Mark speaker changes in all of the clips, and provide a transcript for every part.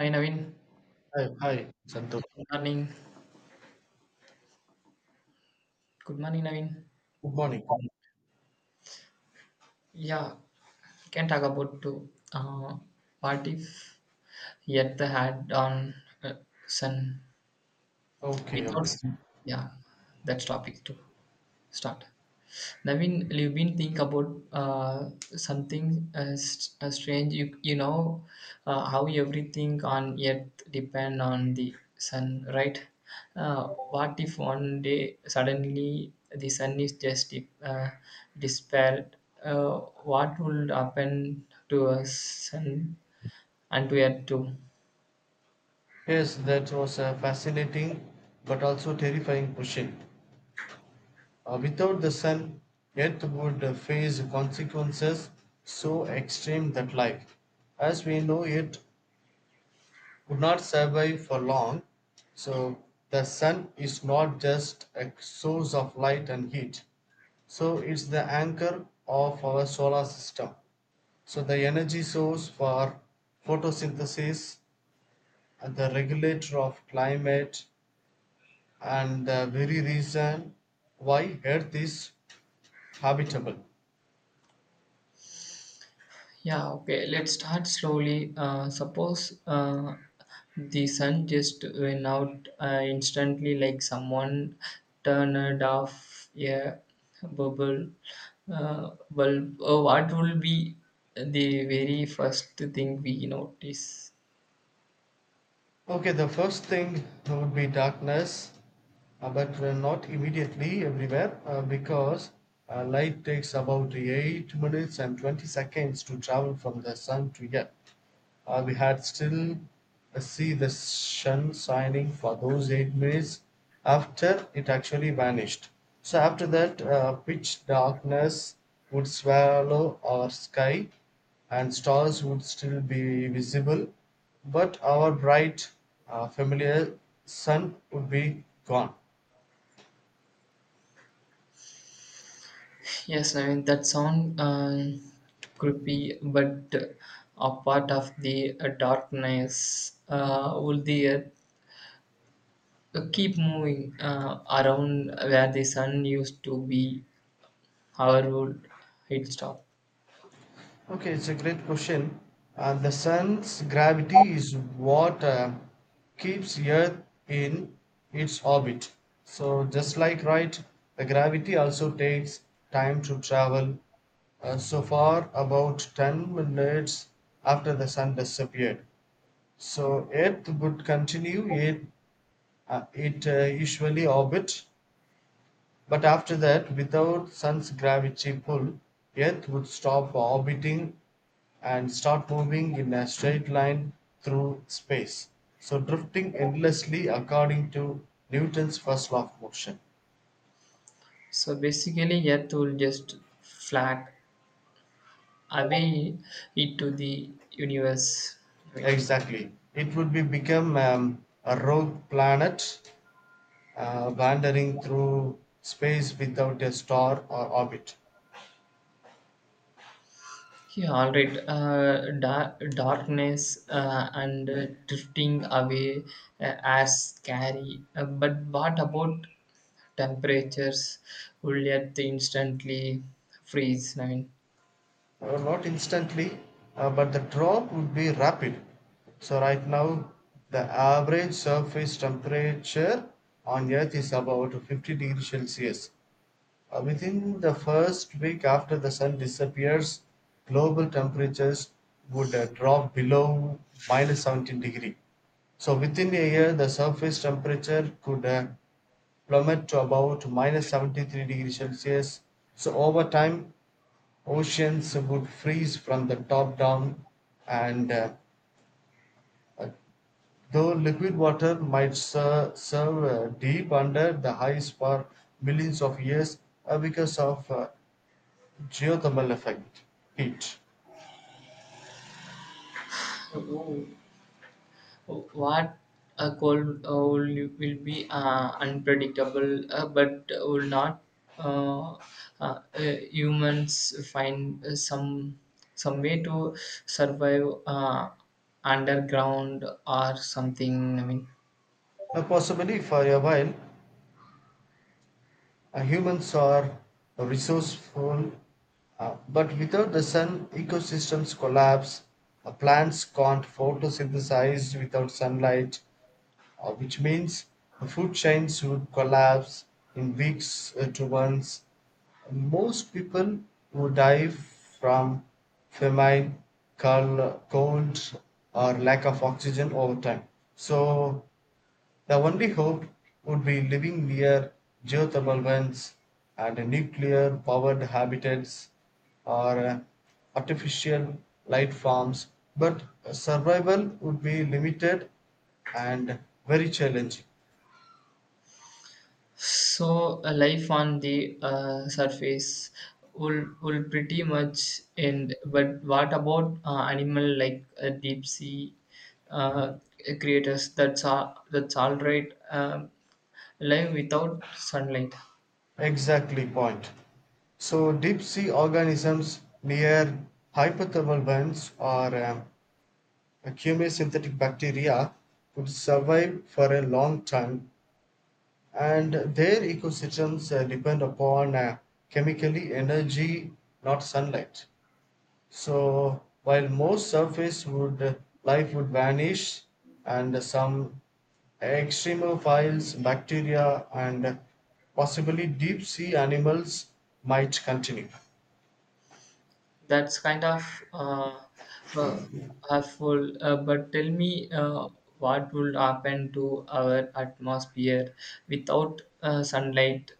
Speaker 1: Hi Naveen,
Speaker 2: Hi, Santosh.
Speaker 1: good morning. Good morning Naveen.
Speaker 2: Good morning.
Speaker 1: Yeah, can talk about to what if yet the had on uh, sun
Speaker 2: Okay,
Speaker 1: without
Speaker 2: okay.
Speaker 1: sun. Yeah, that's topic to start. Naveen, you've been think about something strange. You know how everything on earth depend on the sun, right? What if one day suddenly the sun is just uh, dispelled? What would happen to us sun and to earth too?
Speaker 2: Yes, that was a fascinating but also terrifying question. Without the sun, Earth would face consequences so extreme that life, as we know it, would not survive for long. So, the sun is not just a source of light and heat, so it's the anchor of our solar system. So, the energy source for photosynthesis, the regulator of climate, and the very reason why earth is habitable.
Speaker 1: Yeah, okay, let's start slowly. Suppose the sun just went out instantly, like someone turned off a bubble bulb. What will be the very first thing we notice?
Speaker 2: Okay, the first thing would be darkness, but not immediately everywhere, because light takes about 8 minutes and 20 seconds to travel from the sun to earth. We had still see the sun shining for those 8 minutes after it actually vanished. So after that, pitch darkness would swallow our sky, and stars would still be visible, but our bright, familiar sun would be gone.
Speaker 1: Yes, I mean, that sound creepy, but a part of the darkness. Will the earth keep moving around where the sun used to be, however, would it stop?
Speaker 2: Okay, it's a great question. The sun's gravity is what keeps Earth in its orbit. So, just like right, the gravity also takes time to travel. So far, about 10 minutes after the sun disappeared. So, Earth would continue it, usually orbit, but after that, without Sun's gravity pull, Earth would stop orbiting and start moving in a straight line through space, so drifting endlessly according to Newton's first law of motion.
Speaker 1: So basically, Earth will just flag away it to the universe. I mean,
Speaker 2: Exactly. It would be become a rogue planet wandering through space without a star or orbit.
Speaker 1: yeah, all right. Darkness and drifting away as scary. But what about temperatures? Will Earth instantly freeze? I
Speaker 2: Not instantly, but the drop would be rapid. So, right now, the average surface temperature on Earth is about 50 degrees Celsius. Within the first week after the sun disappears, global temperatures would drop below minus 17 degree. So, within a year, the surface temperature could plummet to about minus 73 degrees Celsius. So, over time, oceans would freeze from the top down, and uh, though liquid water might serve deep under the ice for millions of years because of geothermal effect heat.
Speaker 1: mean, what a cold will be unpredictable but will not uh, uh, uh, humans find some way to survive underground or something I mean.
Speaker 2: Now, possibly for a while, humans are resourceful, but without the sun, ecosystems collapse. Plants can't photosynthesize without sunlight, which means food chains would collapse in weeks to months. Most people would die from famine, cold, or lack of oxygen over time. So, the only hope would be living near geothermal vents and nuclear powered habitats, or artificial light farms, but survival would be limited and very challenging.
Speaker 1: So life on the surface will pretty much end. But what about animal like deep sea uh, creators? That's all. That's all right. Live without sunlight.
Speaker 2: Exactly point. So deep sea organisms near hypothermal vents or chemosynthetic bacteria could survive for a long time, and their ecosystems depend upon chemically energy, not sunlight. So while most surface would life would vanish, and some extremophiles bacteria and possibly deep sea animals might continue.
Speaker 1: That's kind of uh, harmful. But tell me, what will happen to our atmosphere without sunlight?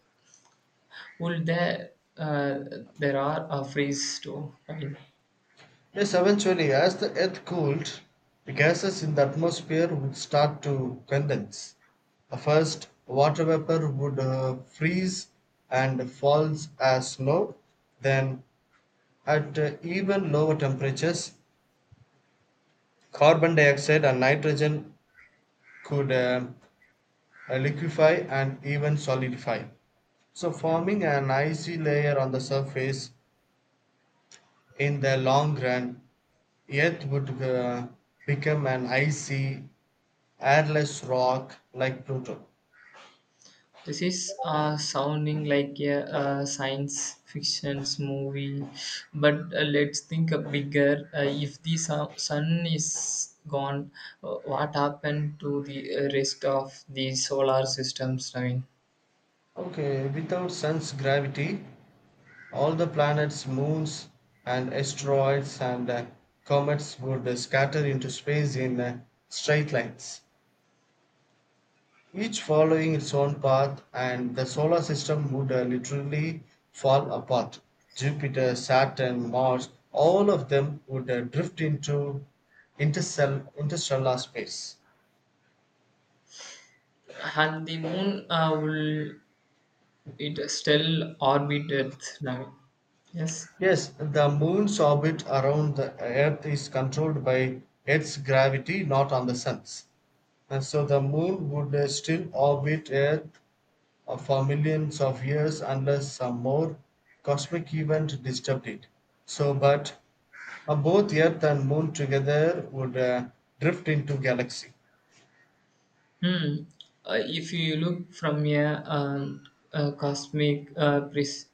Speaker 1: Well, there uh, there are a freeze too. Right?
Speaker 2: Yes, eventually, as the earth cooled, the gases in the atmosphere would start to condense. First, water vapor would freeze and falls as snow. Then, at even lower temperatures, carbon dioxide and nitrogen could liquefy and even solidify. So, forming an icy layer on the surface in the long run, Earth would become an icy, airless rock like Pluto.
Speaker 1: This is sounding like a, science fiction movie, but let's think a bigger. If the sun is gone, what happened to the rest of the solar systems? I mean,
Speaker 2: Okay, without sun's gravity, all the planets, moons, and asteroids, and comets would scatter into space in straight lines, each following its own path, and the solar system would literally fall apart. Jupiter, Saturn, Mars, all of them would drift into interstellar space.
Speaker 1: and the moon will it still orbit Earth? I mean, yes.
Speaker 2: Yes, the moon's orbit around the earth is controlled by its gravity, not on the sun's. And so the moon would still orbit earth for millions of years unless some more cosmic event disturbed it. So, but both earth and moon together would drift into galaxy.
Speaker 1: Hmm. If you look from a cosmic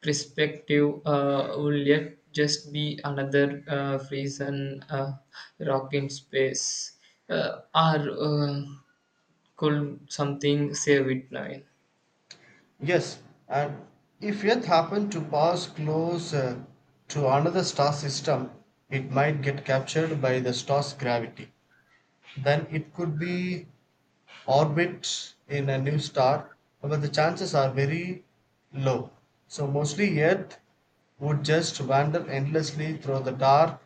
Speaker 1: perspective, will yet just be another frozen rock in space, or could something save it now?
Speaker 2: Yes, and if Earth happened to pass close to another star system, it might get captured by the star's gravity. Then it could be orbit in a new star, but the chances are very low. So mostly Earth would just wander endlessly through the dark,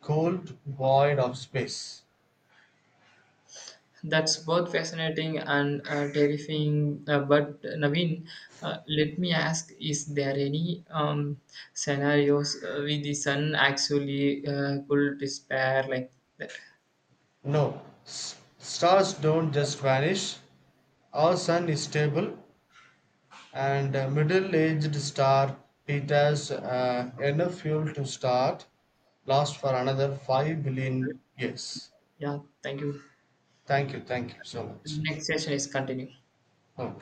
Speaker 2: cold void of space.
Speaker 1: That's both fascinating and terrifying. But Naveen, let me ask: Is there any scenarios with the sun actually could despair like that?
Speaker 2: No, stars don't just vanish. Our sun is stable, and a middle-aged star, it has enough fuel to start, last for another 5 billion years.
Speaker 1: Yeah, thank you.
Speaker 2: Thank you so much.
Speaker 1: Next session is continue.
Speaker 2: 嗯，